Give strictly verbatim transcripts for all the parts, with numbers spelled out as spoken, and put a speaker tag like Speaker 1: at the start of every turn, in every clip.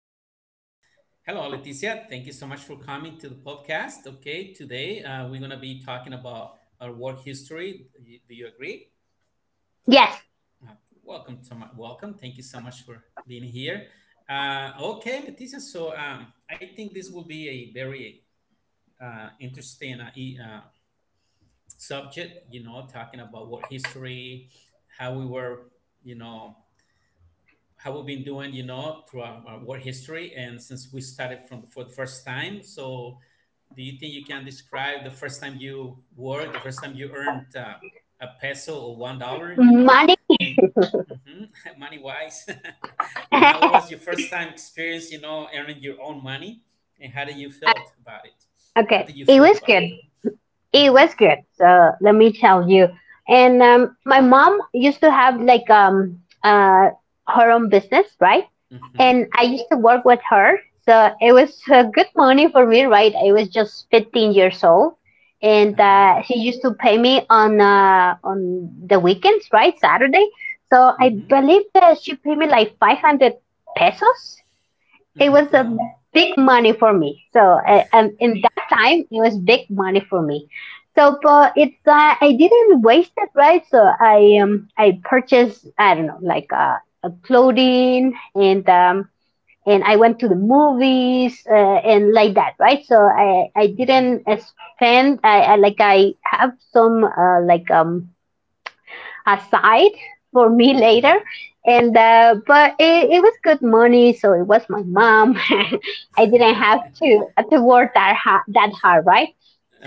Speaker 1: Okay.
Speaker 2: now,
Speaker 1: Hello, Leticia. Thank you so much for coming to the podcast. Okay, today uh, we're going to be talking about our work history. Do you, do you agree?
Speaker 2: yes,
Speaker 1: Uh, welcome to my welcome. Thank you so much for being here. Uh, okay, Leticia. So um, I think this will be a very uh, interesting uh, e- uh, subject. You know, talking about work history, how we were. You know, how we've been doing, you know, through our, our work history and since we started from for the first time. So, do you think you can describe the first time you worked, the first time you earned uh, a peso or one dollar? You know,
Speaker 2: money.
Speaker 1: can hmm money wise, how was your first time experience? You know, earning your own money, and how did you felt about it? How
Speaker 2: okay,
Speaker 1: did you
Speaker 2: it
Speaker 1: feel
Speaker 2: was
Speaker 1: about
Speaker 2: good.
Speaker 1: it?
Speaker 2: It
Speaker 1: Mm-hmm.
Speaker 2: was good. So let me tell you. And um, my mom used to have like um uh her own business, right? And
Speaker 1: Mm-hmm.
Speaker 2: I used to work with her, so it was uh, good money for me, right? I was just fifteen years old, and
Speaker 1: Uh-huh.
Speaker 2: uh, she used to pay me on uh, on the weekends, right? Saturday. So I
Speaker 1: Mm-hmm.
Speaker 2: believe that she paid me like five hundred pesos, it was
Speaker 1: Mm-hmm.
Speaker 2: a
Speaker 1: Oh.
Speaker 2: big money for me. So uh, um, in that time, it was big money for me. So but it's uh, I didn't waste it, right? So I um I purchased, I don't know, like uh, a clothing, and um and I went to the movies, uh, and like that, right? So I I didn't
Speaker 1: Mm-hmm.
Speaker 2: uh, spend, I, I like, I have some uh, like um aside for me later.
Speaker 1: Mm-hmm.
Speaker 2: And uh, but it, it was good money, so it was my mom. I didn't have to to work that ha- that hard, right?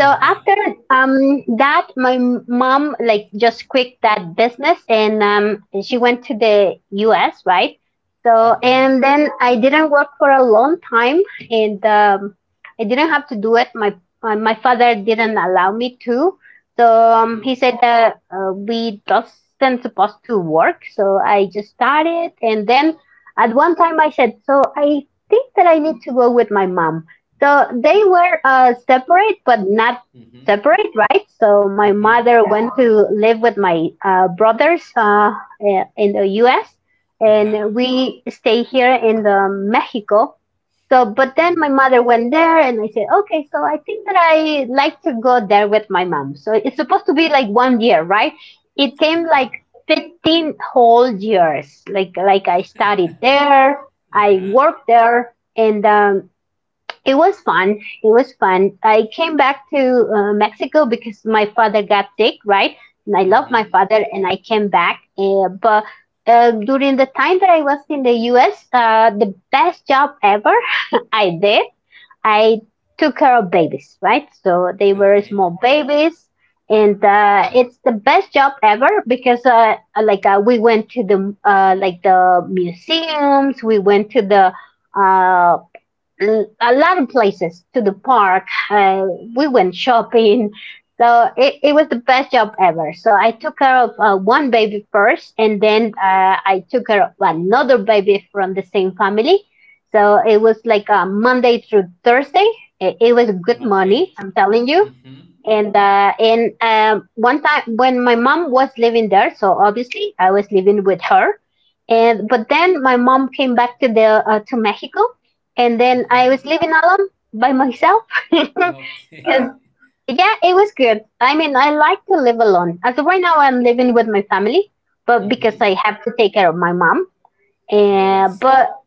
Speaker 2: So after um that, my mom like just quit that business, and um she went to the U S, right? So
Speaker 1: Mm-hmm.
Speaker 2: and then I didn't work for a long time, and um, I didn't have to do it. My my my father didn't allow me to, so um, he
Speaker 1: Uhum,
Speaker 2: said that uh, we doesn't supposed to work. So I just started, and then at one time I said, so I think that I need to go with my mom. So they were uh, separate, but not
Speaker 1: uhum,
Speaker 2: separate, right? So my
Speaker 1: uhum,
Speaker 2: mother went to live with my uh, brothers uh, in the U S,
Speaker 1: aham,
Speaker 2: and we stay here in the Mexico. So, but then
Speaker 1: uhum,
Speaker 2: my mother went there and I said, okay, so I think that I like to go there with my mom. So it's supposed to be like one year, right? It came
Speaker 1: aham,
Speaker 2: like fifteen whole years. Like, like I studied there, I
Speaker 1: aham,
Speaker 2: worked there, and, um, it was fun. It was fun. I came back to uh, Mexico because my father got sick, right? And I love my
Speaker 1: uhum,
Speaker 2: father and I came back. Uh, but uh, during the time that I was in the U S, uh, the best job ever I did. I took care of babies, right? So they
Speaker 1: ok,
Speaker 2: were small babies, and uh, it's the best job ever because uh, like uh, we went to the uh, like the museums, we went to the uh, l- a lot of places, to the park. Uh, we went shopping. So it, it was the best job ever. So I took care of uh, one baby first, and then uh, I took care of another baby from the same family. So it was like uh, Monday through Thursday. It, it was good
Speaker 1: ok,
Speaker 2: money, I'm telling you,
Speaker 1: uhum,
Speaker 2: and uh, and um, one time when my mom was living there, so obviously I was living with her, and but then my mom came back to the uh, to Mexico, and then I was
Speaker 1: uhum,
Speaker 2: living alone, by myself. 'Cause,
Speaker 1: ok,
Speaker 2: yeah, it was good. I mean, I like to live alone. As of right now, I'm living with my family, but because I
Speaker 1: uhum,
Speaker 2: have to take care of my mom.
Speaker 1: oh, I
Speaker 2: And but
Speaker 1: see,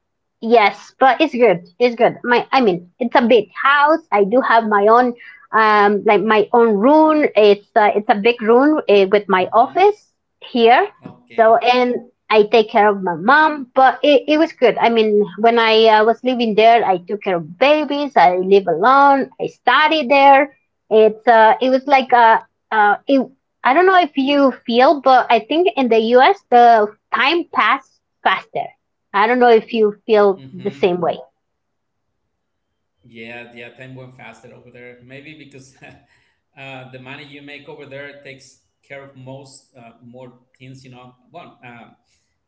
Speaker 2: yes, but it's good. It's good. My, I mean, it's a big house. I do have my own, um, like my own room. It's uh, it's a big room uh, with my
Speaker 1: uhum,
Speaker 2: office here.
Speaker 1: ok,
Speaker 2: So, and I take care of my mom. But it, it was good. I mean, when I uh, was living there, I took care of babies. I live alone. I studied there. It's uh, it was like uh, uh, it, I don't know if you feel, but I think in the U S the time passed faster. I don't know if you feel the
Speaker 1: uhum.
Speaker 2: same way.
Speaker 1: Yeah, yeah, time went faster over there. Maybe because uh, the money you make over there takes care of most uh, more things, you know. One, um,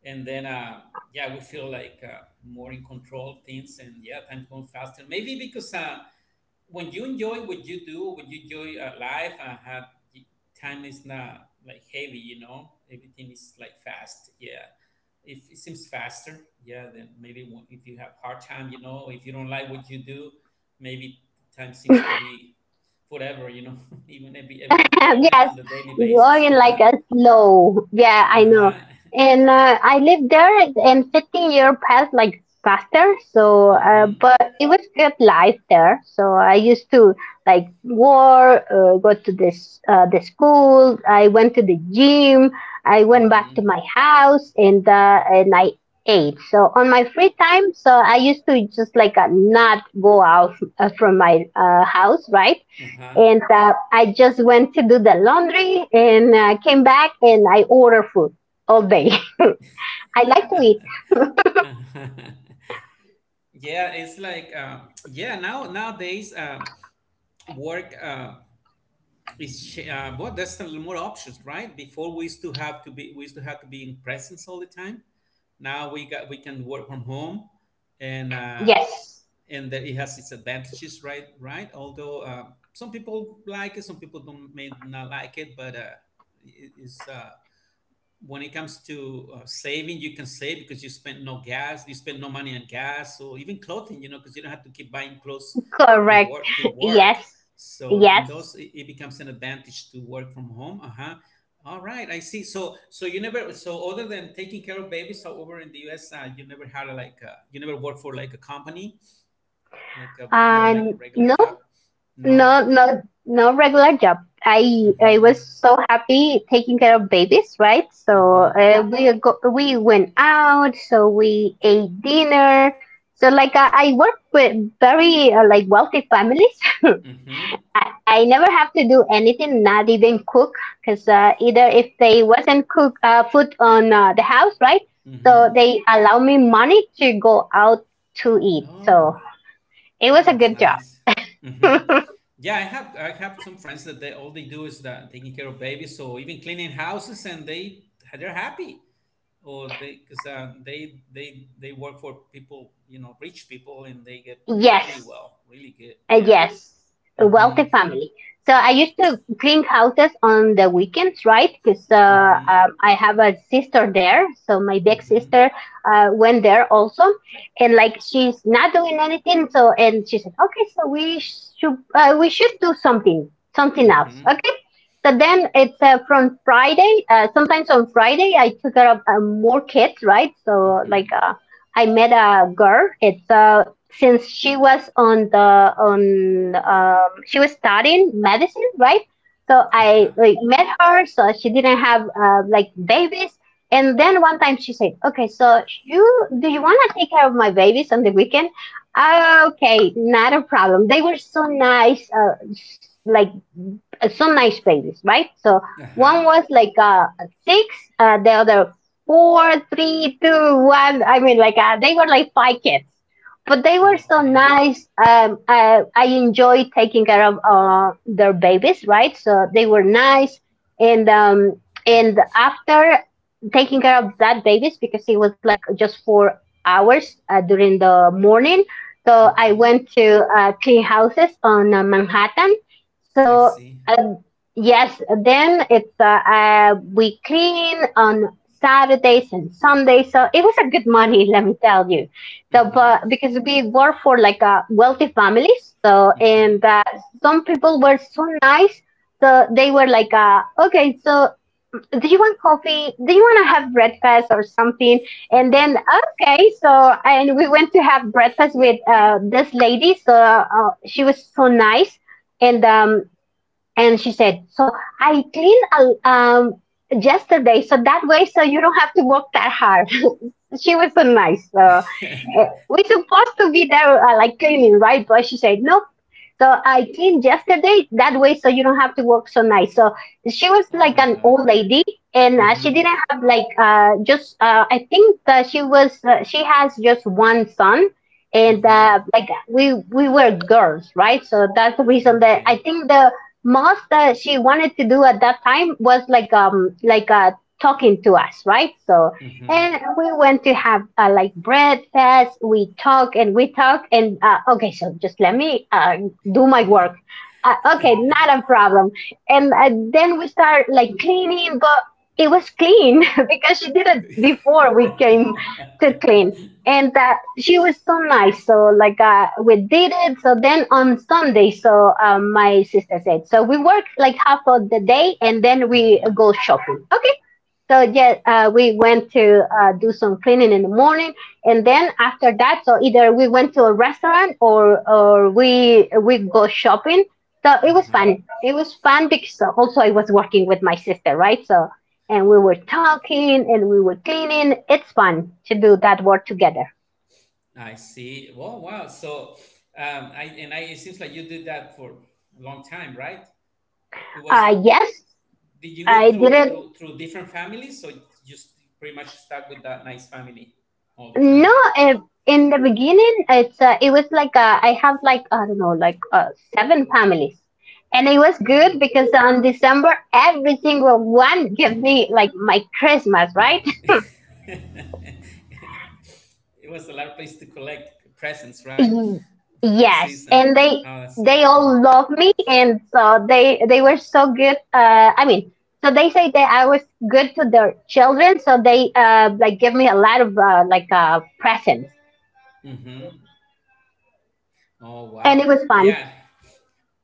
Speaker 1: and then uh, yeah, we feel like uh, more in control of things, and yeah, time going faster. Maybe because uh, when you enjoy what you do, when you enjoy uh, life and have time is not like heavy, you know, everything is like fast. Yeah, if it seems faster, yeah, then maybe when- if you have hard time, you know, if you don't like what you do, maybe time seems to be forever, you know, even every, every even
Speaker 2: yes,
Speaker 1: on the daily basis.
Speaker 2: going
Speaker 1: Uh huh.
Speaker 2: like a slow. Yeah,
Speaker 1: Uh
Speaker 2: I know.
Speaker 1: huh.
Speaker 2: And uh, I lived there, and fifteen year passed like faster. So,
Speaker 1: Mm
Speaker 2: uh,
Speaker 1: hmm.
Speaker 2: but it was good life there. So I used to like work, uh, go to this uh, the school. I went to the gym. I went back to my
Speaker 1: Mm
Speaker 2: house, and uh, and I ate. So on my free time, so I used to just like uh, not go out uh, from my uh, house, right?
Speaker 1: hmm. Uh
Speaker 2: And uh, I just went to do the laundry and uh, came back and I order food all day. I like to eat.
Speaker 1: huh. yeah, it's like uh, yeah. Now nowadays, uh, work. Uh, It's sh- uh, well, there's some more options, right? Before we used to have to be we used to have to be in presence all the time. Now we got we can work from home, and uh,
Speaker 2: Yes,
Speaker 1: and that it has its advantages, right? Right. Although uh, some people like it, some people don't may not like it, but uh, it is. Uh, when it comes to uh, saving, you can save because you spend no gas, you spend no money on gas, or even clothing, you know, because you don't have to keep buying clothes for
Speaker 2: correct.
Speaker 1: work to work.
Speaker 2: Yes,
Speaker 1: So on those,
Speaker 2: yes.
Speaker 1: it, it becomes an advantage to work from home. Uh huh. All right, I see. So so you never so other than taking care of babies, however, in the U S, uh, you never had a, like uh, you never worked for like a company, like a more like a
Speaker 2: And
Speaker 1: regular
Speaker 2: no,
Speaker 1: job. No.
Speaker 2: no, no, no regular job. I I
Speaker 1: Mm-hmm.
Speaker 2: was so happy taking care of babies, right? So
Speaker 1: Mm-hmm.
Speaker 2: uh, we go, we went out, so we ate dinner. So like I I work with very uh, like wealthy families.
Speaker 1: Mm-hmm.
Speaker 2: I, I never have to do anything, not even cook, because uh, either if they wasn't cook uh, food on uh, the house, right? So
Speaker 1: Mm-hmm.
Speaker 2: they allow me money to go out to eat.
Speaker 1: Oh.
Speaker 2: So it
Speaker 1: That
Speaker 2: was a
Speaker 1: was
Speaker 2: good job.
Speaker 1: nice. Hmm. Yeah, I have I have some friends that they all they do is that taking care of babies, so even cleaning houses, and they they're happy. Or they because uh, they they they work for people, you know, rich people, and they get paid really
Speaker 2: yes.
Speaker 1: well, really good.
Speaker 2: Uh,
Speaker 1: Yeah.
Speaker 2: yes, a wealthy
Speaker 1: Mm-hmm.
Speaker 2: family. So I used to clean houses on the weekends, right? Because uh,
Speaker 1: Mm-hmm.
Speaker 2: um, I have a sister there. So my big sister
Speaker 1: Mm-hmm.
Speaker 2: uh, went there also. And like she's not doing anything. So, and she said, okay, so we should, uh, we should do something, something else.
Speaker 1: Mm-hmm.
Speaker 2: Okay. So then it's uh, from Friday. Uh, sometimes on Friday, I took care of uh, more kids, right? So like
Speaker 1: Mm-hmm.
Speaker 2: uh, I met a girl. It's uh, since she was on the on um she was studying medicine, right? So I
Speaker 1: Uh-huh.
Speaker 2: like met her, so she didn't have uh, like babies. And then one time she said, "Okay, so you do you want to take care of my babies on the weekend?" Okay, not a problem. They were so nice, uh, s- like uh, some nice babies, right? So
Speaker 1: Uh-huh.
Speaker 2: one was like uh, six, uh, the other four, three, two, one. I mean, like uh, they were like five kids, but they were so
Speaker 1: Okay.
Speaker 2: nice. Um, I, I enjoyed taking care of uh, their babies, right? So they were nice, and um, and after taking care of that babies, because it was like just four hours uh, during the morning. So I
Speaker 1: Mm-hmm.
Speaker 2: went to uh, clean houses on uh, Manhattan.
Speaker 1: I
Speaker 2: So
Speaker 1: see.
Speaker 2: um, yes, then it's uh, uh, we clean on Saturdays and Sundays. So it was a good money, let me tell you. So,
Speaker 1: Mm-hmm.
Speaker 2: but because we work for like a wealthy families, so and
Speaker 1: Mm-hmm.
Speaker 2: uh, some people were so nice, so they were like, uh, okay, so do you want coffee? Do you want to have breakfast or something? And then okay, so and we went to have breakfast with uh, this lady. So uh, she was so nice, and um, and she said, so I clean a, um, yesterday, so that way, so you don't have to work that hard. she was so nice. So uh, we're supposed to be there, uh, like cleaning, right? But she said, nope. So I cleaned yesterday that way, so you don't have to work so nice. So she was
Speaker 1: oh
Speaker 2: like
Speaker 1: my
Speaker 2: an
Speaker 1: God.
Speaker 2: old lady, and uh, she
Speaker 1: Mm-hmm.
Speaker 2: didn't have like uh, just. Uh, I think that she was. Uh, she has just one son, and uh,
Speaker 1: Mm-hmm.
Speaker 2: like we we were girls, right? So that's the reason that I
Speaker 1: Okay.
Speaker 2: think the most that she wanted to do at that time was like um like uh talking to us, right? So and
Speaker 1: Mm-hmm.
Speaker 2: we went to have uh, like breakfast. We talk and we talk and uh, okay, so just let me uh, do my work. Uh, okay, not a problem. And uh, then we start like cleaning, but it was clean because she did it before we came to clean. And that she was so nice, so like uh, we did it. So then on Sunday, so um, my sister said, so we work like half of the day and then we
Speaker 1: mm-hmm.
Speaker 2: go shopping, okay? So yeah, uh, we went to uh, do some cleaning in the morning, and then after that, so either we went to a restaurant or or we we go shopping. So it was fun.
Speaker 1: Uh-huh.
Speaker 2: It was fun because uh, also I was working with my sister, right? So and we were talking and we were cleaning. It's fun to do that work together.
Speaker 1: I see. Well, wow. So, um, I and I. It seems like you did that for a long time, right? It
Speaker 2: Uh,
Speaker 1: was.
Speaker 2: yes,
Speaker 1: Did you
Speaker 2: I
Speaker 1: go through
Speaker 2: didn't.
Speaker 1: through through different families, so you just pretty much stuck with that nice family all the time?
Speaker 2: No, uh, in the beginning, it's uh, it was like uh, I have like I don't know, like uh, seven families, and it was good
Speaker 1: Wow.
Speaker 2: because on December every single one gave me like my Christmas, right?
Speaker 1: it was a lot of place to collect presents, right?
Speaker 2: Y-
Speaker 1: For the
Speaker 2: yes,
Speaker 1: season.
Speaker 2: and they
Speaker 1: Oh, that's so
Speaker 2: they
Speaker 1: cool.
Speaker 2: all love me, and so they they were so good. Uh, I mean. So they say that I was good to their children, so they uh, like give me a lot of uh, like uh, presents,
Speaker 1: Mm-hmm. Oh
Speaker 2: and it
Speaker 1: wow.
Speaker 2: was fun.
Speaker 1: Yeah,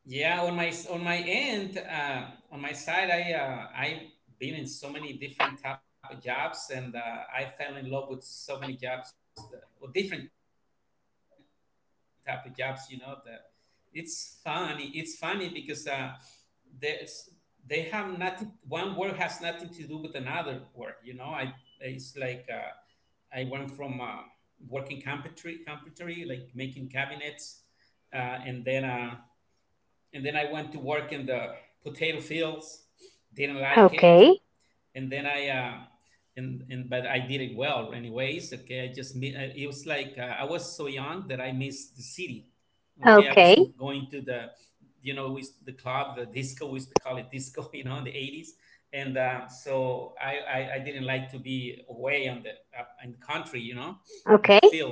Speaker 1: yeah, on my on my end, uh, on my side, I uh, I've been in so many different type of jobs, and uh, I fell in love with so many jobs, that, or different type of jobs. You know, that it's funny. It's funny because uh, there's they have nothing. One work has nothing to do with another work. You know, I it's like uh, I went from uh, working carpentry, carpentry, like making cabinets, uh, and then. Uh, and then I went to work in the potato fields. Didn't like it, and then
Speaker 2: Okay,
Speaker 1: I uh, and and but I did it well anyways. Okay, I just mi- I- it was like uh, I was so young that I missed the city. Okay, I was m- going to
Speaker 2: okay,
Speaker 1: the you know with the club, the disco. We used to call it disco, you know, in the eighties. And uh, so I, I, I didn't like to be away on the uh, in the country, you know, in the
Speaker 2: okay,
Speaker 1: field,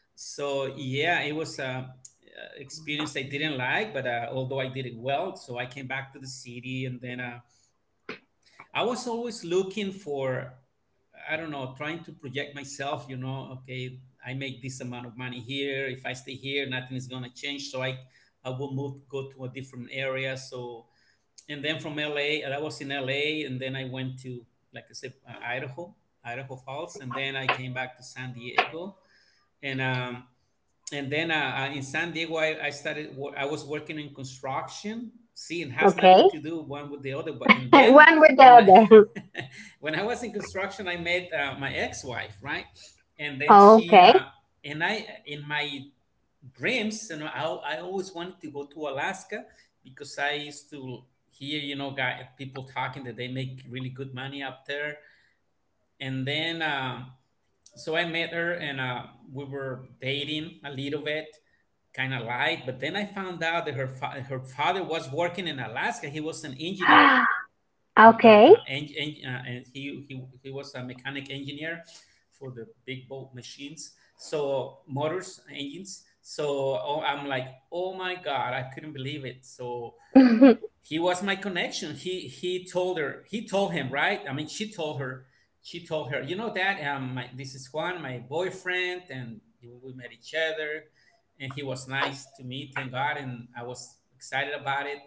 Speaker 1: so yeah, it was a a experience I didn't like, but uh, although I did it well, so I came back to the city and then uh, I was always looking for, I don't know, trying to project myself, you know. Okay, I make this amount of money here. If I stay here nothing is going to change, so i i will move, go to a different area. So and then from LA, I was in LA and then I went to, like I said, uh, idaho, Idaho Falls, and then I came back to San Diego and um and then uh, uh, in San Diego, I, I started. Wo- I was working in construction. See, it has
Speaker 2: okay.
Speaker 1: nothing to do one with the other. But and then
Speaker 2: One with the
Speaker 1: when I,
Speaker 2: other.
Speaker 1: when I was in construction, I met uh, my ex-wife, right? And then she uh,
Speaker 2: Okay.
Speaker 1: and I in my dreams, you know, I, I always wanted to go to Alaska because I used to hear, you know, guy people talking that they make really good money up there. And then um so I met her and uh, we were dating a little bit, kind of light. But then I found out that her fa- her father was working in Alaska. He was an engineer, um, uh,
Speaker 2: Okay.
Speaker 1: uh, en- en- uh, and he, he he was a mechanic engineer for the big boat machines, so motors, engines. So oh, I'm like, oh my god, I couldn't believe it. So he was my connection. He he told her. He told him, right? I mean, she told her. She told her. You know that um, my, this is Juan, my boyfriend, and we met each other, and he was nice to me, thank God, and I was excited about it.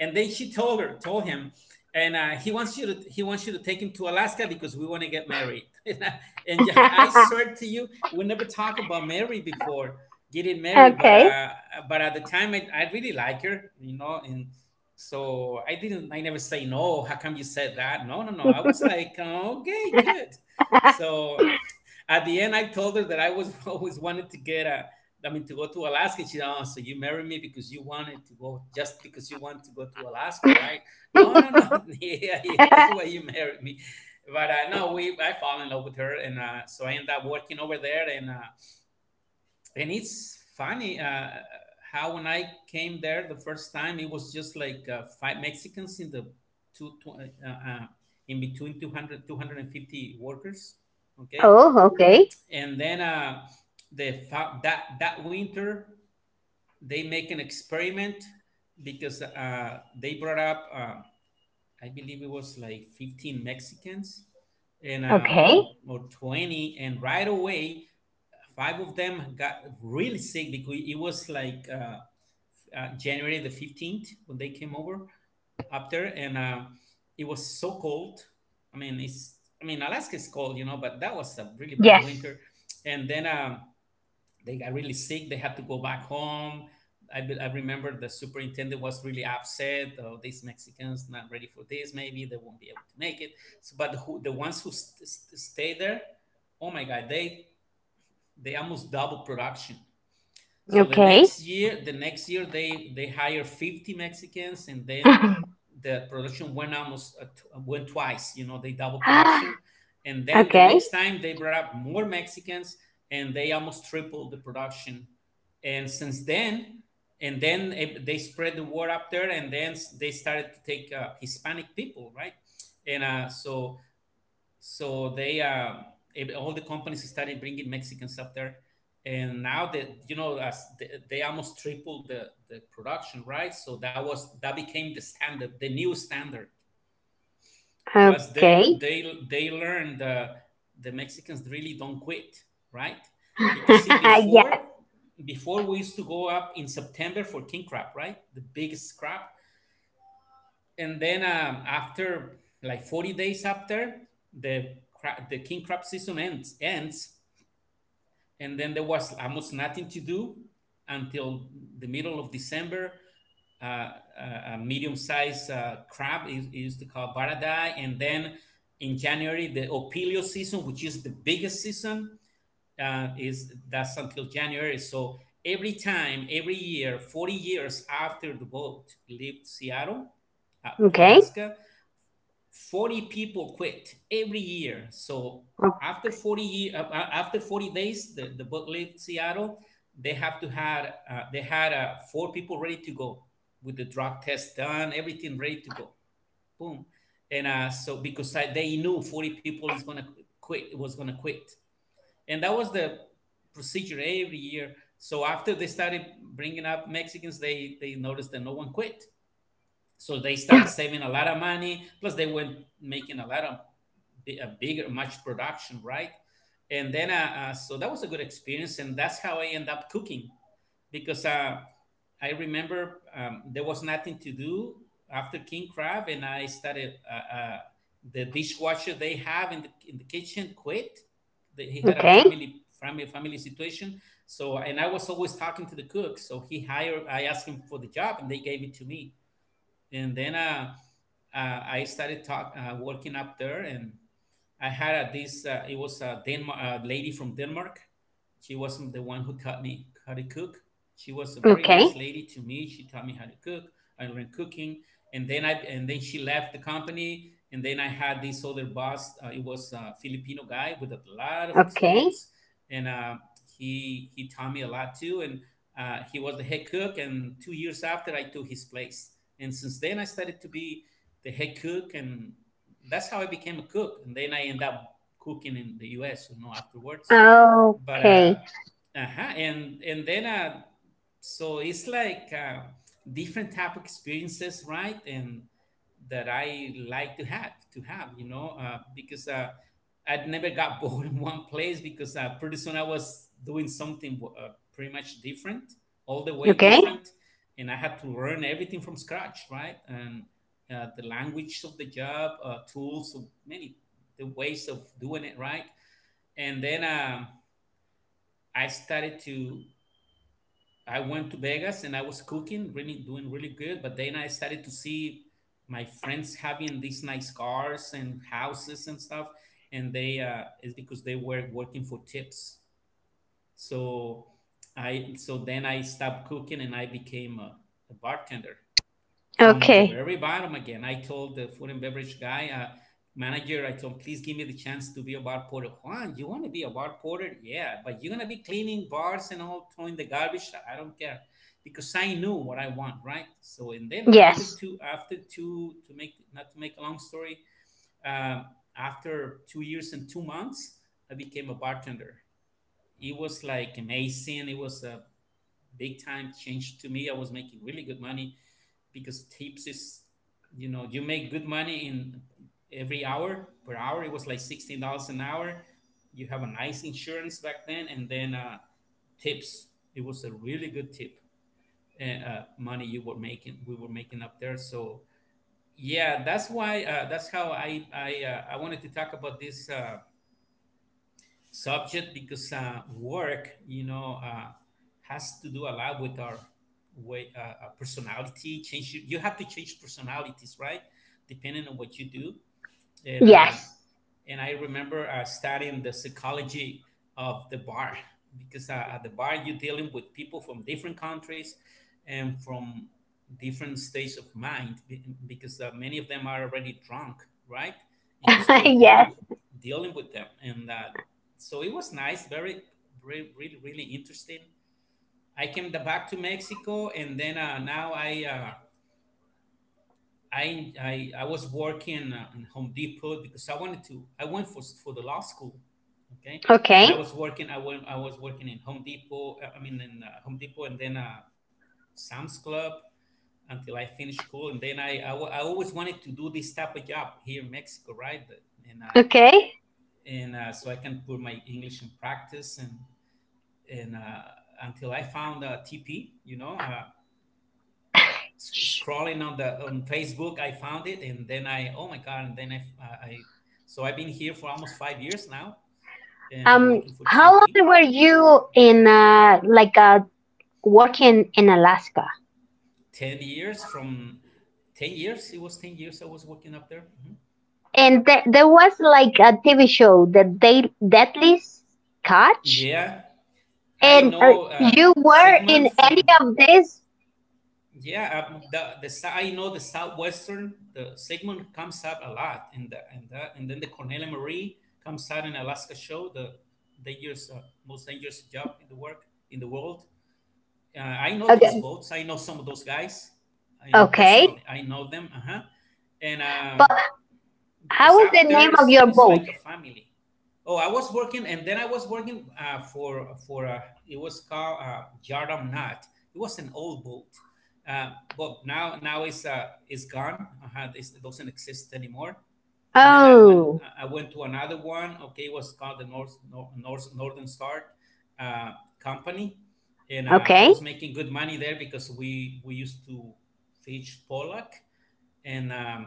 Speaker 1: And then she told her, told him, and uh, he wants you to he wants you to take him to Alaska because we want to get married. and yeah, I swear to you, we never talked about married before getting married, but
Speaker 2: Okay.
Speaker 1: uh, but at the time I, I really like her, you know, and so I didn't, I never say no. How come you said that? No, no, no. I was like, "Oh, okay, good. So at the end, I told her that I was always wanted to get a, I mean, to go to Alaska. She said, oh, so you married me because you wanted to go, just because you want to go to Alaska, right? No, no, no. yeah, yeah, that's why you married me. But uh, no, we, I fell in love with her, and uh, so I ended up working over there, and. Uh, and it's funny uh, how when I came there the first time, it was just like uh, five Mexicans in the two, two uh, uh, in between two hundred two hundred and fifty workers. Okay,
Speaker 2: Oh, okay.
Speaker 1: and then uh, the fa- that that winter they make an experiment because uh, they brought up uh, I believe it was like fifteen Mexicans and uh,
Speaker 2: Okay.
Speaker 1: or, or twenty, and right away five of them got really sick because it was like uh, uh, January the fifteenth when they came over up there, and uh, it was so cold. I mean, it's, I mean, Alaska is cold, you know, but that was a really bad
Speaker 2: Yes.
Speaker 1: winter. And then um, they got really sick. They had to go back home. I, be- I remember the superintendent was really upset. Oh, these Mexicans not ready for this. Maybe they won't be able to make it. So, but who, the ones who st- st- stay there, oh my God, they they almost double production, so the
Speaker 2: Okay.
Speaker 1: next year, the next year they they hire fifty Mexicans, and then the production went almost uh, tw- went twice. You know, they double production, and then the
Speaker 2: Okay.
Speaker 1: next time they brought up more Mexicans, and they almost tripled the production. And since then, and then it- they spread the word up there, and then s- they started to take uh, Hispanic people, right? And uh, so so they um ev- all the companies started bringing Mexicans up there, and now that you know as they, they almost tripled the the production, right? So that was that became the standard, the new standard. Plus, they
Speaker 2: Okay.
Speaker 1: they they learned uh, the Mexicans really don't quit, right? Because see,
Speaker 2: Yeah.
Speaker 1: before before we used to go up in September for king crab, right? The biggest crab, and then um, after like forty days after the cra- the king crab season ends ends and then there was almost nothing to do until the middle of December. uh, a a medium-sized uh, crab is, is to call baradai, and then in January the opilio season, which is the biggest season. Uh, is That's until January. So every time every year forty years after the boat left Seattle uh, to
Speaker 2: Okay.
Speaker 1: Alaska, forty people quit every year. So after forty year, uh, uh, after forty days, the, the book left Seattle. They have to had uh, they had uh, four people ready to go with the drug test done, everything ready to go. Boom. And uh, so because I, they knew forty people is gonna quit, was gonna quit, and that was the procedure every year. So after they started bringing up Mexicans, they they noticed that no one quit, so they start saving a lot of money, plus they went making a lot of bi- a bigger much production, right? And then uh, uh, so that was a good experience, and that's how I end up cooking. Because uh, I remember um, there was nothing to do after king crab, and I started uh, uh, the dishwasher they have in the, in the kitchen quit. They- he had a
Speaker 2: Okay.
Speaker 1: family family family situation. So, and I was always talking to the cook, so he hired I asked him for the job, and they gave it to me. And then uh, uh, I started talk uh, working up there. And I had uh, this. Uh, it was a Denmark uh, lady from Denmark. She wasn't the one who taught me how to cook. She was a very nice
Speaker 2: Okay.
Speaker 1: lady to me. She taught me how to cook. I learned cooking, and then I and then she left the company. And then I had this other boss. Uh, it was a Filipino guy with a lot of
Speaker 2: Okay.
Speaker 1: experience, and uh, he he taught me a lot too. And uh, he was the head cook. And two years after, I took his place. And since then, I started to be the head cook, and that's how I became a cook. And then I end up cooking in the U S, you know, afterwards. But uh,
Speaker 2: Okay.
Speaker 1: uh-huh. and and then uh, so it's like uh, different type of experiences, right? And that I like to have to have, you know, uh, because uh, I'd never got bored in one place, because uh, pretty soon I was doing something uh, pretty much different, all the way
Speaker 2: Okay.
Speaker 1: different. And I had to learn everything from scratch, right? And uh, the language of the job, uh, tools, so many the ways of doing it, right? And then um, I started to. I went to Vegas and I was cooking, really doing really good. But then I started to see my friends having these nice cars and houses and stuff, and they uh, it's because they were working for tips. So I so then I stopped cooking and I became a, a bartender from the
Speaker 2: Okay.
Speaker 1: very bottom again. I told the food and beverage guy, uh, manager, I told, please give me the chance to be a bar porter. Juan, you want to be a bar porter? Yeah, but you're going to be cleaning bars and all, throwing the garbage. I don't care, because I knew what I want, right? So, and then after
Speaker 2: Yes.
Speaker 1: two, after two, to make, not to make a long story, um, after two years and two months, I became a bartender. It was like amazing. It was a big time change to me. I was making really good money, because tips is, you know, you make good money in every hour per hour. It was like sixteen dollars an hour. You have a nice insurance back then, and then uh, tips. It was a really good tip uh, uh, money you were making. We were making up there. So yeah, that's why. Uh, that's how I I uh, I wanted to talk about this Uh, subject, because uh, work, you know, uh, has to do a lot with our way, uh, uh, personality. Change. You have to change personalities, right? Depending on what you do, and uh,
Speaker 2: Yes.
Speaker 1: and I remember uh, studying the psychology of the bar, because uh, at the bar you're dealing with people from different countries and from different states of mind be- because uh, many of them are already drunk, right? And you're still dealing
Speaker 2: Yes.
Speaker 1: with, dealing with them, and uh, so it was nice, very, very, really, really interesting. I came the- back to Mexico, and then uh, now I. Uh, I, I I was working uh, in Home Depot because I wanted to. I went for for the law school, okay. And I
Speaker 2: Okay.
Speaker 1: was working. I went. I was working in Home Depot. uh, I mean, in uh, Home Depot, and then uh, Sam's Club until I finished school. And then I, I wa- I always wanted to do this type of job here in Mexico, right? And uh,
Speaker 2: Okay.
Speaker 1: and uh, so I can put my English in practice, and and uh, until I found uh, T P, you know, uh, sc- scrolling on the on Facebook, I found it, and then I oh my god, and then I I so I've been here for almost five years now, and I'm
Speaker 2: Um,
Speaker 1: working for
Speaker 2: how
Speaker 1: T P.
Speaker 2: long were you in uh, like uh, working in Alaska?
Speaker 1: Ten years from ten years, it was ten years I was working up there. Mhm.
Speaker 2: And th- there was like a T V show, the da- Deadly Catch,
Speaker 1: Yeah, I
Speaker 2: and uh,
Speaker 1: know uh,
Speaker 2: you were
Speaker 1: Sigmund
Speaker 2: in any
Speaker 1: from
Speaker 2: of this?
Speaker 1: yeah um, the the sou- I know the southwestern, the Sigmund comes out a lot, and the, and the, and then the Cornelia Marie comes out in Alaska show, the dangerous uh, most dangerous job in the work in the world. uh, I know those
Speaker 2: Okay,
Speaker 1: boats. I know some of those guys I,
Speaker 2: okay.
Speaker 1: personally. I know them. Uh huh. And uh,
Speaker 2: But how
Speaker 1: because
Speaker 2: was the
Speaker 1: after
Speaker 2: name of
Speaker 1: it's,
Speaker 2: your
Speaker 1: it's like
Speaker 2: boat?
Speaker 1: a family. Oh, I was working, and then I was working uh, for for uh, it was called uh, Yardam Knot. It was an old boat, uh, but now now it's uh, it's gone. Uh, it's, it doesn't exist anymore. And then I went
Speaker 2: Oh,
Speaker 1: I went to another one. Okay, it was called the North Nor- North Northern Star uh, Company, and uh, I
Speaker 2: okay,
Speaker 1: was making good money there, because we we used to fish pollock. And um,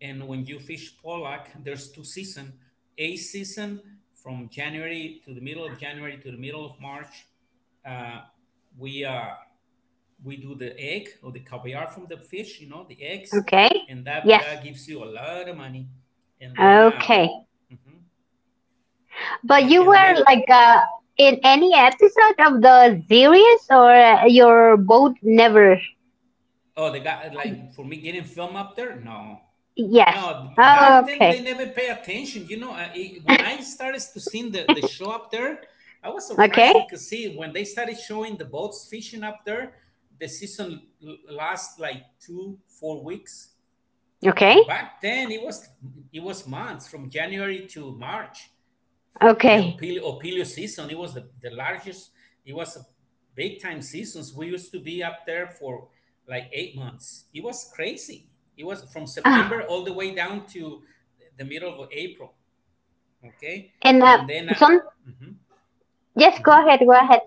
Speaker 1: and when you fish pollock there's two season, a season from January to the middle of january to the middle of March. uh, we uh, we do the egg or the caviar from the fish, you know, the eggs.
Speaker 2: okay.
Speaker 1: And that that
Speaker 2: Yes,
Speaker 1: gives you a lot of money. And then uh,
Speaker 2: okay.
Speaker 1: mhm.
Speaker 2: But
Speaker 1: it,
Speaker 2: you
Speaker 1: and
Speaker 2: were
Speaker 1: then
Speaker 2: like uh, in any episode of the series, or uh, your boat never?
Speaker 1: Oh, the guy like for me getting film up there? No,
Speaker 2: Yes.
Speaker 1: no. b-
Speaker 2: Oh,
Speaker 1: Back then they
Speaker 2: okay.
Speaker 1: never pay attention. You know, uh, it, when I started to see the the show up there, I was
Speaker 2: Okay.
Speaker 1: surprised. Because see, when they started showing the boats fishing up there, the season l- last like two four weeks.
Speaker 2: Okay.
Speaker 1: Back then it was it was months from January to March, the
Speaker 2: Okay.
Speaker 1: Opilio, Opilio season. It was the, the largest. It was a big time seasons. We used to be up there for like eight months. It was crazy. It was from September
Speaker 2: Ah,
Speaker 1: all the way down to the middle of April. Okay,
Speaker 2: and uh,
Speaker 1: and then uh,
Speaker 2: some. Yes, go
Speaker 1: mhm.
Speaker 2: ahead. Go ahead.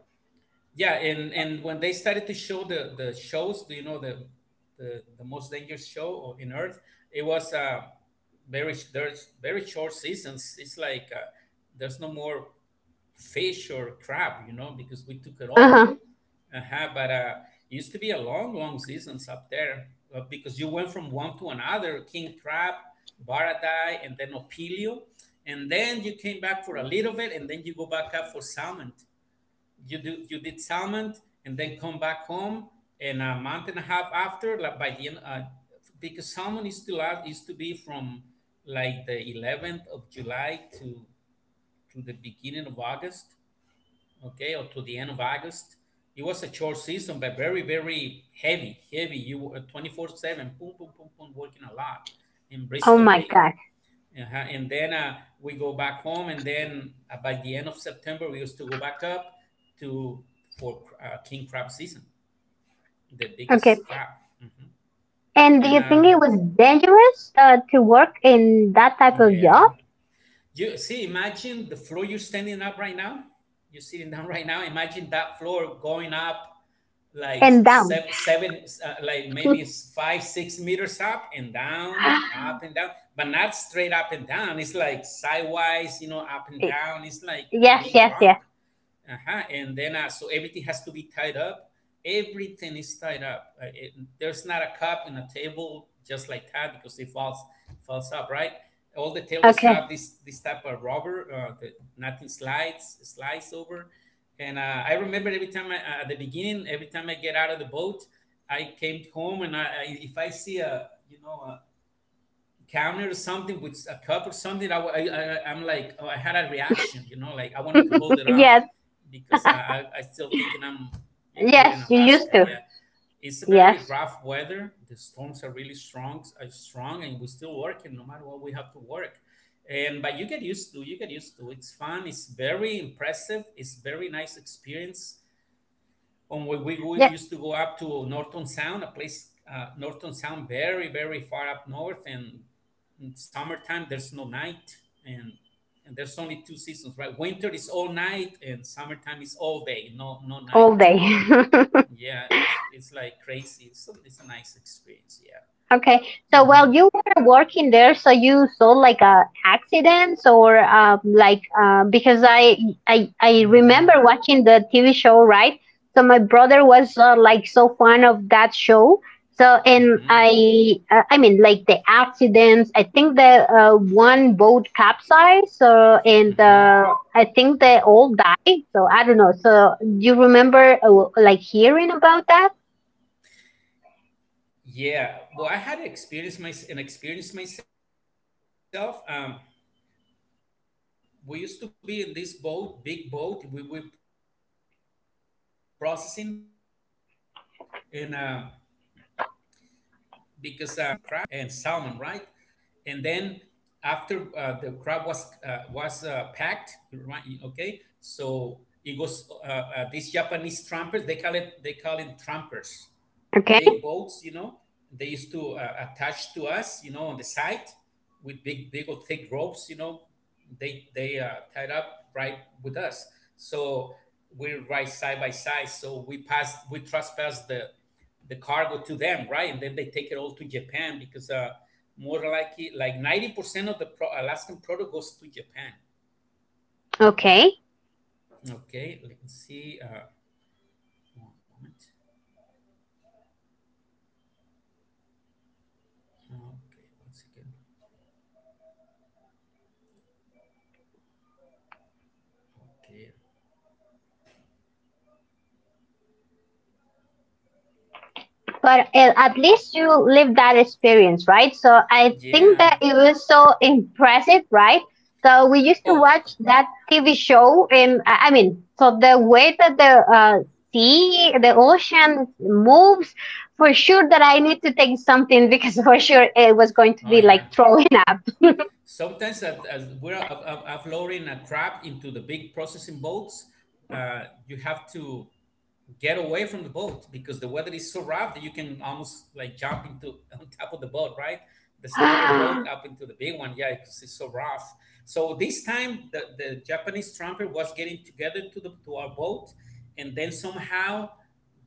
Speaker 1: Yeah, and and when they started to show the the shows, do you know the the, the most dangerous show o- in Earth? It was uh, very sh- there's very short seasons. It's like uh, there's no more fish or crab, you know, because we took it
Speaker 2: Uh huh.
Speaker 1: all. Uh-huh, but uh, it used to be a long, long seasons up there, uh, because you went from one to another, King Crab, Baradai, and then Opilio. And then you came back for a little bit, and then you go back up for salmon. You do you did salmon, and then come back home, and a month and a half after, like by the end, uh, because salmon is to last is to be from like the eleventh of July to to the beginning of August, okay, or to the end of August. It was a short season, but very very heavy heavy, you were twenty-four seven boom boom boom boom working a lot in
Speaker 2: Oh
Speaker 1: Bristol
Speaker 2: my
Speaker 1: Bay.
Speaker 2: God.
Speaker 1: Uh-huh. And then uh, we go back home, and then uh, by the end of September, we used to go back up to for uh, king crab season, the
Speaker 2: Okay.
Speaker 1: biggest crab. Hmm.
Speaker 2: And do
Speaker 1: And
Speaker 2: you
Speaker 1: uh,
Speaker 2: think it was dangerous uh, to work in that type of job
Speaker 1: yeah, you see, imagine the floor you're standing up right now. You're sitting down right now. Imagine that floor going up like
Speaker 2: and down?
Speaker 1: seven, seven uh, like maybe s- five, six meters up and down, up and down, but not straight up and down. It's like sideways, you know, up and down. It's like
Speaker 2: yes.
Speaker 1: being
Speaker 2: Yes.
Speaker 1: drunk.
Speaker 2: Yes.
Speaker 1: Uh-huh. And then, uh, so everything has to be tied up. Everything is tied up. Uh, it- there's not a cup in a table just like that because it falls falls up, right? All the tables have
Speaker 2: Okay.
Speaker 1: this this type of rubber. Uh, that nothing slides slides over. And uh, I remember every time I, uh, at the beginning, every time I get out of the boat, I came home, and I, I if I see a, you know, counter or something with a cup or something, I, I, I I'm like, oh, I had a reaction, you know, like I wanted to hold it up
Speaker 2: Yes.
Speaker 1: because I I, I still thinking I'm over in
Speaker 2: Yes. You used
Speaker 1: Alaska.
Speaker 2: to.
Speaker 1: Yeah, it's a very
Speaker 2: Yes.
Speaker 1: rough weather. The storms are really strong, are strong, and we're still working. No matter what, we have to work. And but you get used to you get used to. It's fun. It's very impressive. It's very nice experience on when we, we,
Speaker 2: Yes.
Speaker 1: used to go up to Norton Sound, a place, uh, Norton Sound, very, very far up north. And in summertime, there's no night. And, and there's only two seasons, right? Winter is all night, and summertime is all day, no, no
Speaker 2: All
Speaker 1: night.
Speaker 2: day.
Speaker 1: Yeah, it's, it's like crazy. It's a, it's a nice experience. Yeah.
Speaker 2: Okay. So
Speaker 1: Mm-hmm.
Speaker 2: while you were working there, so you saw like uh, accidents or um, like uh, because I, I I
Speaker 1: Mm-hmm.
Speaker 2: remember watching the T V show, right? So my brother was uh, like so fond of that show. So and
Speaker 1: Mm-hmm.
Speaker 2: I uh, I mean like the accidents. I think the uh, one boat capsized. So and
Speaker 1: Mm-hmm.
Speaker 2: uh, I think they all died. So I don't know. So do you remember uh, like hearing about that?
Speaker 1: Yeah. Well, I had experience my an experience myself. Um, we used to be in this boat, big boat. We were processing crab and salmon, right? And uh, because um, we process up there too, so we were processing crab, and then after uh, the crab was uh, was uh, packed, right? Okay, so it goes. Uh, uh, these Japanese trampers, they call it they call it trampers, big
Speaker 2: Okay.
Speaker 1: boats, you know. They used to uh, attach to us, you know, on the side with big, big or thick ropes, you know. They they uh, tied up right with us, so we ride side by side. So we pass, we trespass the the cargo to them, right? And then they take it all to Japan because uh, more likely, like ninety percent of the pro- Alaskan product goes to Japan.
Speaker 2: Okay.
Speaker 1: Okay, let's see. Uh, one moment. Okay, once again. Okay.
Speaker 2: But uh, at least you lived that experience, right? So I think
Speaker 1: Yeah.
Speaker 2: that it was so impressive, right? So we used to
Speaker 1: Oh,
Speaker 2: watch that T V show, and I I mean, so the way that the uh, sea, the ocean moves, for sure that I need to take something because for sure it was going to
Speaker 1: oh
Speaker 2: be
Speaker 1: yeah.
Speaker 2: like throwing up.
Speaker 1: Sometimes as, as we're af- af- af- offloading a crab into the big processing boats, uh, you have to get away from the boat because the weather is so rough that you can almost like jump into on top of the boat, right? The smaller boat up into the big one, yeah, because it's so rough. So this time the, the Japanese trumpeter was getting together to the to our boat, and then somehow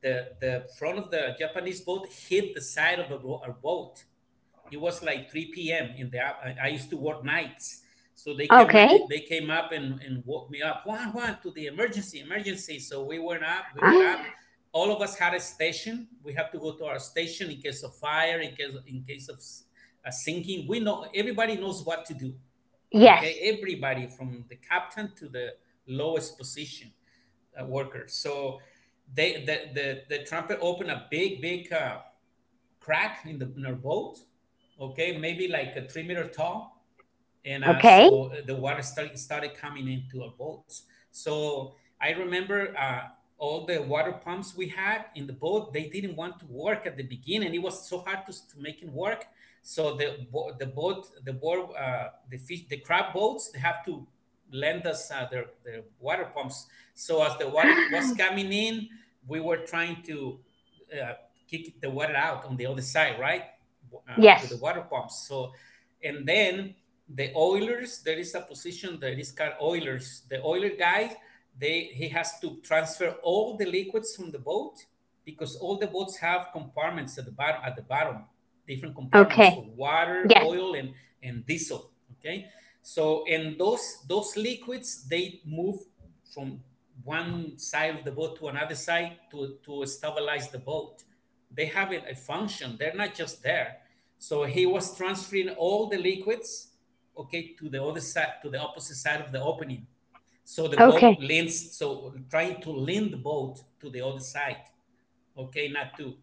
Speaker 1: the the front of the Japanese boat hit the side of the bo- our boat. It was like three p m in the app. I, I used to work nights, so they came
Speaker 2: Okay.
Speaker 1: they came up and, and woke me up. Juan, Juan, to the emergency, emergency. So we went up, we got up. All of us had a station. We have to go to our station in case of fire, in case in case of s- a sinking. We know everybody knows what to do.
Speaker 2: Yes.
Speaker 1: Okay, everybody from the captain to the lowest position uh, worker. So they the, the the trumpet opened a big big. Uh, crack in the in our boat, okay, maybe like a three meter tall. And uh,
Speaker 2: Okay.
Speaker 1: so uh, the water start, started coming into our boats. So I remember uh, all the water pumps we had in the boat, they didn't want to work. At the beginning it was so hard to, to make it work. So the bo- the boat the board uh, the fish the crab boats, they have to lend us uh, their, their water pumps. So as the water was coming in, we were trying to uh, kick the water out on the other side, right? Uh, with the
Speaker 2: Yes.
Speaker 1: water pumps. So, and then the oilers, there is a position that is called oilers. The oiler guy, they he has to transfer all the liquids from the boat because all the boats have compartments at the bottom. At the bottom, different compartments for
Speaker 2: Okay.
Speaker 1: water,
Speaker 2: Yes.
Speaker 1: oil, and and diesel. Okay, so and those those liquids, they move from one side of the boat to another side to, to stabilize the boat. They have a a function. They're not just there. So he was transferring all the liquids, okay, to the other side, to the opposite side of the opening. So the boat
Speaker 2: Okay.
Speaker 1: leans, so trying to lean the boat to the other side, okay, not to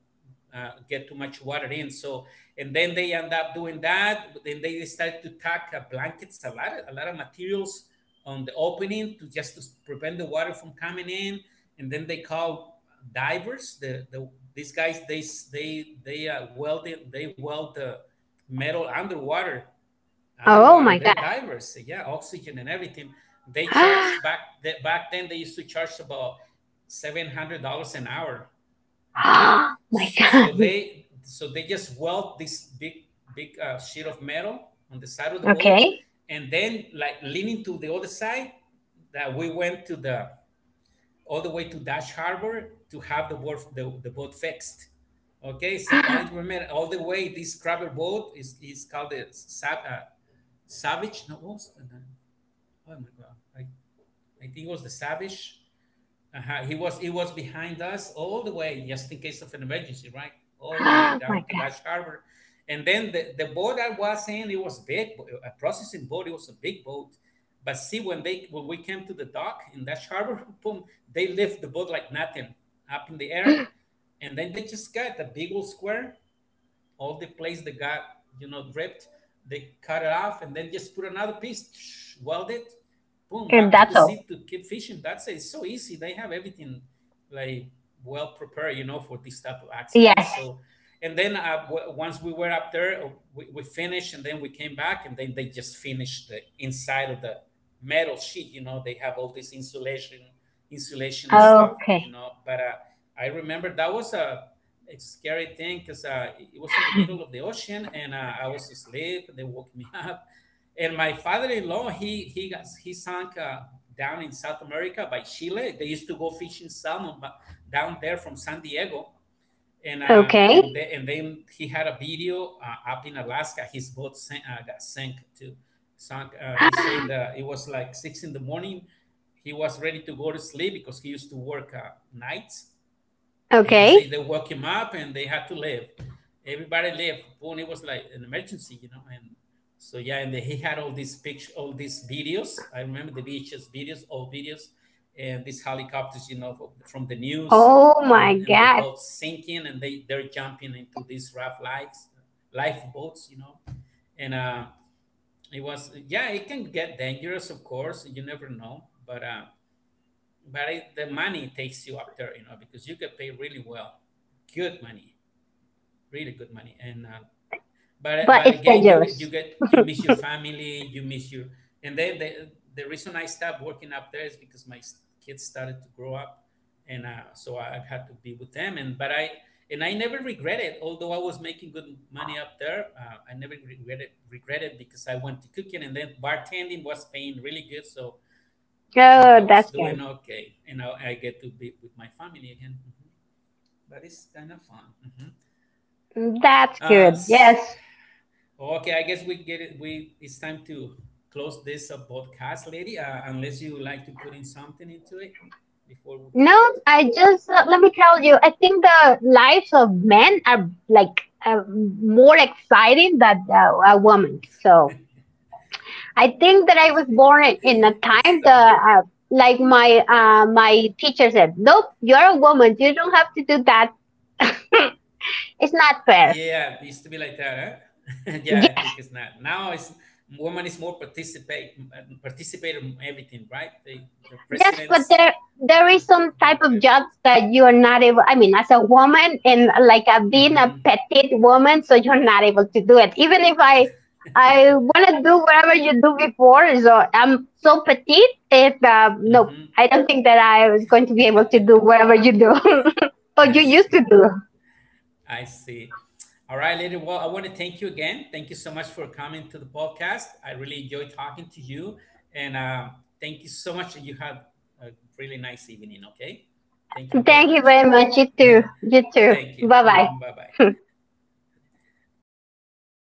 Speaker 1: uh, get too much water in. So, and then they end up doing that. But then they start to tack uh, blankets, a lot, a lot of materials on the opening to just to prevent the water from coming in. And then they call divers. The, the these guys, they s- they they uh, weld it, they weld the metal underwater.
Speaker 2: Oh
Speaker 1: Underwater,
Speaker 2: my God.
Speaker 1: they're divers. so Yeah, oxygen and everything. They charged back the, back then, they used to charge about seven hundred dollars an hour. Mhm.
Speaker 2: Oh my
Speaker 1: S- So
Speaker 2: God.
Speaker 1: they so they just weld this big big uh, sheet of metal on the side of the boat,
Speaker 2: Okay.
Speaker 1: and then like leaning to the other side, that we went to the all the way to Dash Harbor to have the boat the, the boat fixed. Okay, so I remember all the way this crabber boat is, is called the Sav- uh, Savage. No, what was the name? Oh my god, I, I think it was the Savage. Uh-huh. He was he was behind us all the way, just in case of an emergency, right? All the way
Speaker 2: Oh my
Speaker 1: down to
Speaker 2: God.
Speaker 1: Dash Harbor, and then the, the boat I was in, it was big, bo- a processing boat. It was a big boat, but see when they when we came to the dock in Dash Harbor, boom, they lift the boat like nothing up in the air, and then they just got a big old square. All the place that got, you know, ripped, they cut it off and then just put another piece, weld it, boom,
Speaker 2: And
Speaker 1: back to
Speaker 2: that's
Speaker 1: the
Speaker 2: all.
Speaker 1: seat to keep fishing. That's it. It's so easy. They have everything like well prepared, you know, for this type of accidents.
Speaker 2: Yes.
Speaker 1: So and then uh, w- once we were up there, uh, we, we finished, and then we came back, and then they just finished the inside of the metal sheet, you know. They have all this insulation insulation stuff, you
Speaker 2: Okay.
Speaker 1: know, but uh, I remember that was a, it's a scary thing because uh, it it was in the middle of the ocean, and uh, I was asleep. They woke me up, and my father-in-law, he he got, he sank uh, down in South America by Chile. They used to go fishing salmon but down there from San Diego, and uh, and
Speaker 2: Okay.
Speaker 1: the, and then he had a video uh, up in Alaska. His boat sank, uh, got sank too. Sank. Uh, he said uh, it was like six in the morning. He was ready to go to sleep because he used to work uh, nights, and he said
Speaker 2: Okay.
Speaker 1: they woke him up and they had to leave. Everybody left. Boone, it was like an emergency, you know. And so yeah, and he had all these pictures, all these videos. I remember the beaches videos, all videos, and these helicopters, you know, from from the news,
Speaker 2: Oh
Speaker 1: and
Speaker 2: my
Speaker 1: and the
Speaker 2: God.
Speaker 1: boats sinking, and they they're jumping into these raft lives, lifeboats, you know, and uh, it was, yeah, it can get dangerous, of course. You never know, but uh, but it, the money takes you up there, you know, because you get paid really well, good money, really good money. And uh, but
Speaker 2: But
Speaker 1: but
Speaker 2: it's
Speaker 1: again, you get you
Speaker 2: dangerous.
Speaker 1: get you miss your family, you miss your. And then the the reason I stopped working up there is because my s- kids started to grow up, and uh, so I had to be with them. And but I, and I never regretted, although I was making good money up there, uh, I never regretted regretted because I went to cooking, and then bartending was paying really good, so uh, I
Speaker 2: Oh,
Speaker 1: was
Speaker 2: that's
Speaker 1: doing
Speaker 2: good.
Speaker 1: okay, and now I get to be with my family again. Mhm. But it's kind of fun. Mhm.
Speaker 2: That's
Speaker 1: Uh,
Speaker 2: good.
Speaker 1: s-
Speaker 2: Yes.
Speaker 1: okay, I guess we get it. We it's time to close this uh, podcast, lady. Uh, unless you would like to put in something into it before we
Speaker 2: No,
Speaker 1: quit,
Speaker 2: I just uh, let me tell you. I think the lives of men are like uh, more exciting than uh, a woman. So. I think that I was born in, in
Speaker 1: it's
Speaker 2: a
Speaker 1: done.
Speaker 2: time that, uh, like my uh, my teacher said, nope, you're a woman, you don't have to do that. it's not fair.
Speaker 1: Yeah, it used to be like that, huh? Yeah, I think it's not now. It's woman is more participate participate in everything, right? The the
Speaker 2: Yes, but
Speaker 1: presidents
Speaker 2: there there is some
Speaker 1: do
Speaker 2: type
Speaker 1: whatever.
Speaker 2: of jobs that you are not able. I mean, as a woman and like a, being
Speaker 1: Mm-hmm.
Speaker 2: a petite woman, so you're not able to do it. Even if I I want to do whatever you do before, so I'm so petite. It uh, nope,
Speaker 1: Mm-hmm.
Speaker 2: I don't think that I was going to be able to do whatever you do or
Speaker 1: I
Speaker 2: you used
Speaker 1: see.
Speaker 2: to do.
Speaker 1: I see. All right, lady. Well, I want to thank you again. Thank you so much for coming to the podcast. I really enjoy talking to you, and um, thank you so much. You have a really nice evening. Okay. Thank you very
Speaker 2: Thank you
Speaker 1: much.
Speaker 2: very much. You too. You too.
Speaker 1: Thank you.
Speaker 2: Bye bye.
Speaker 1: Mm, bye bye. Ok,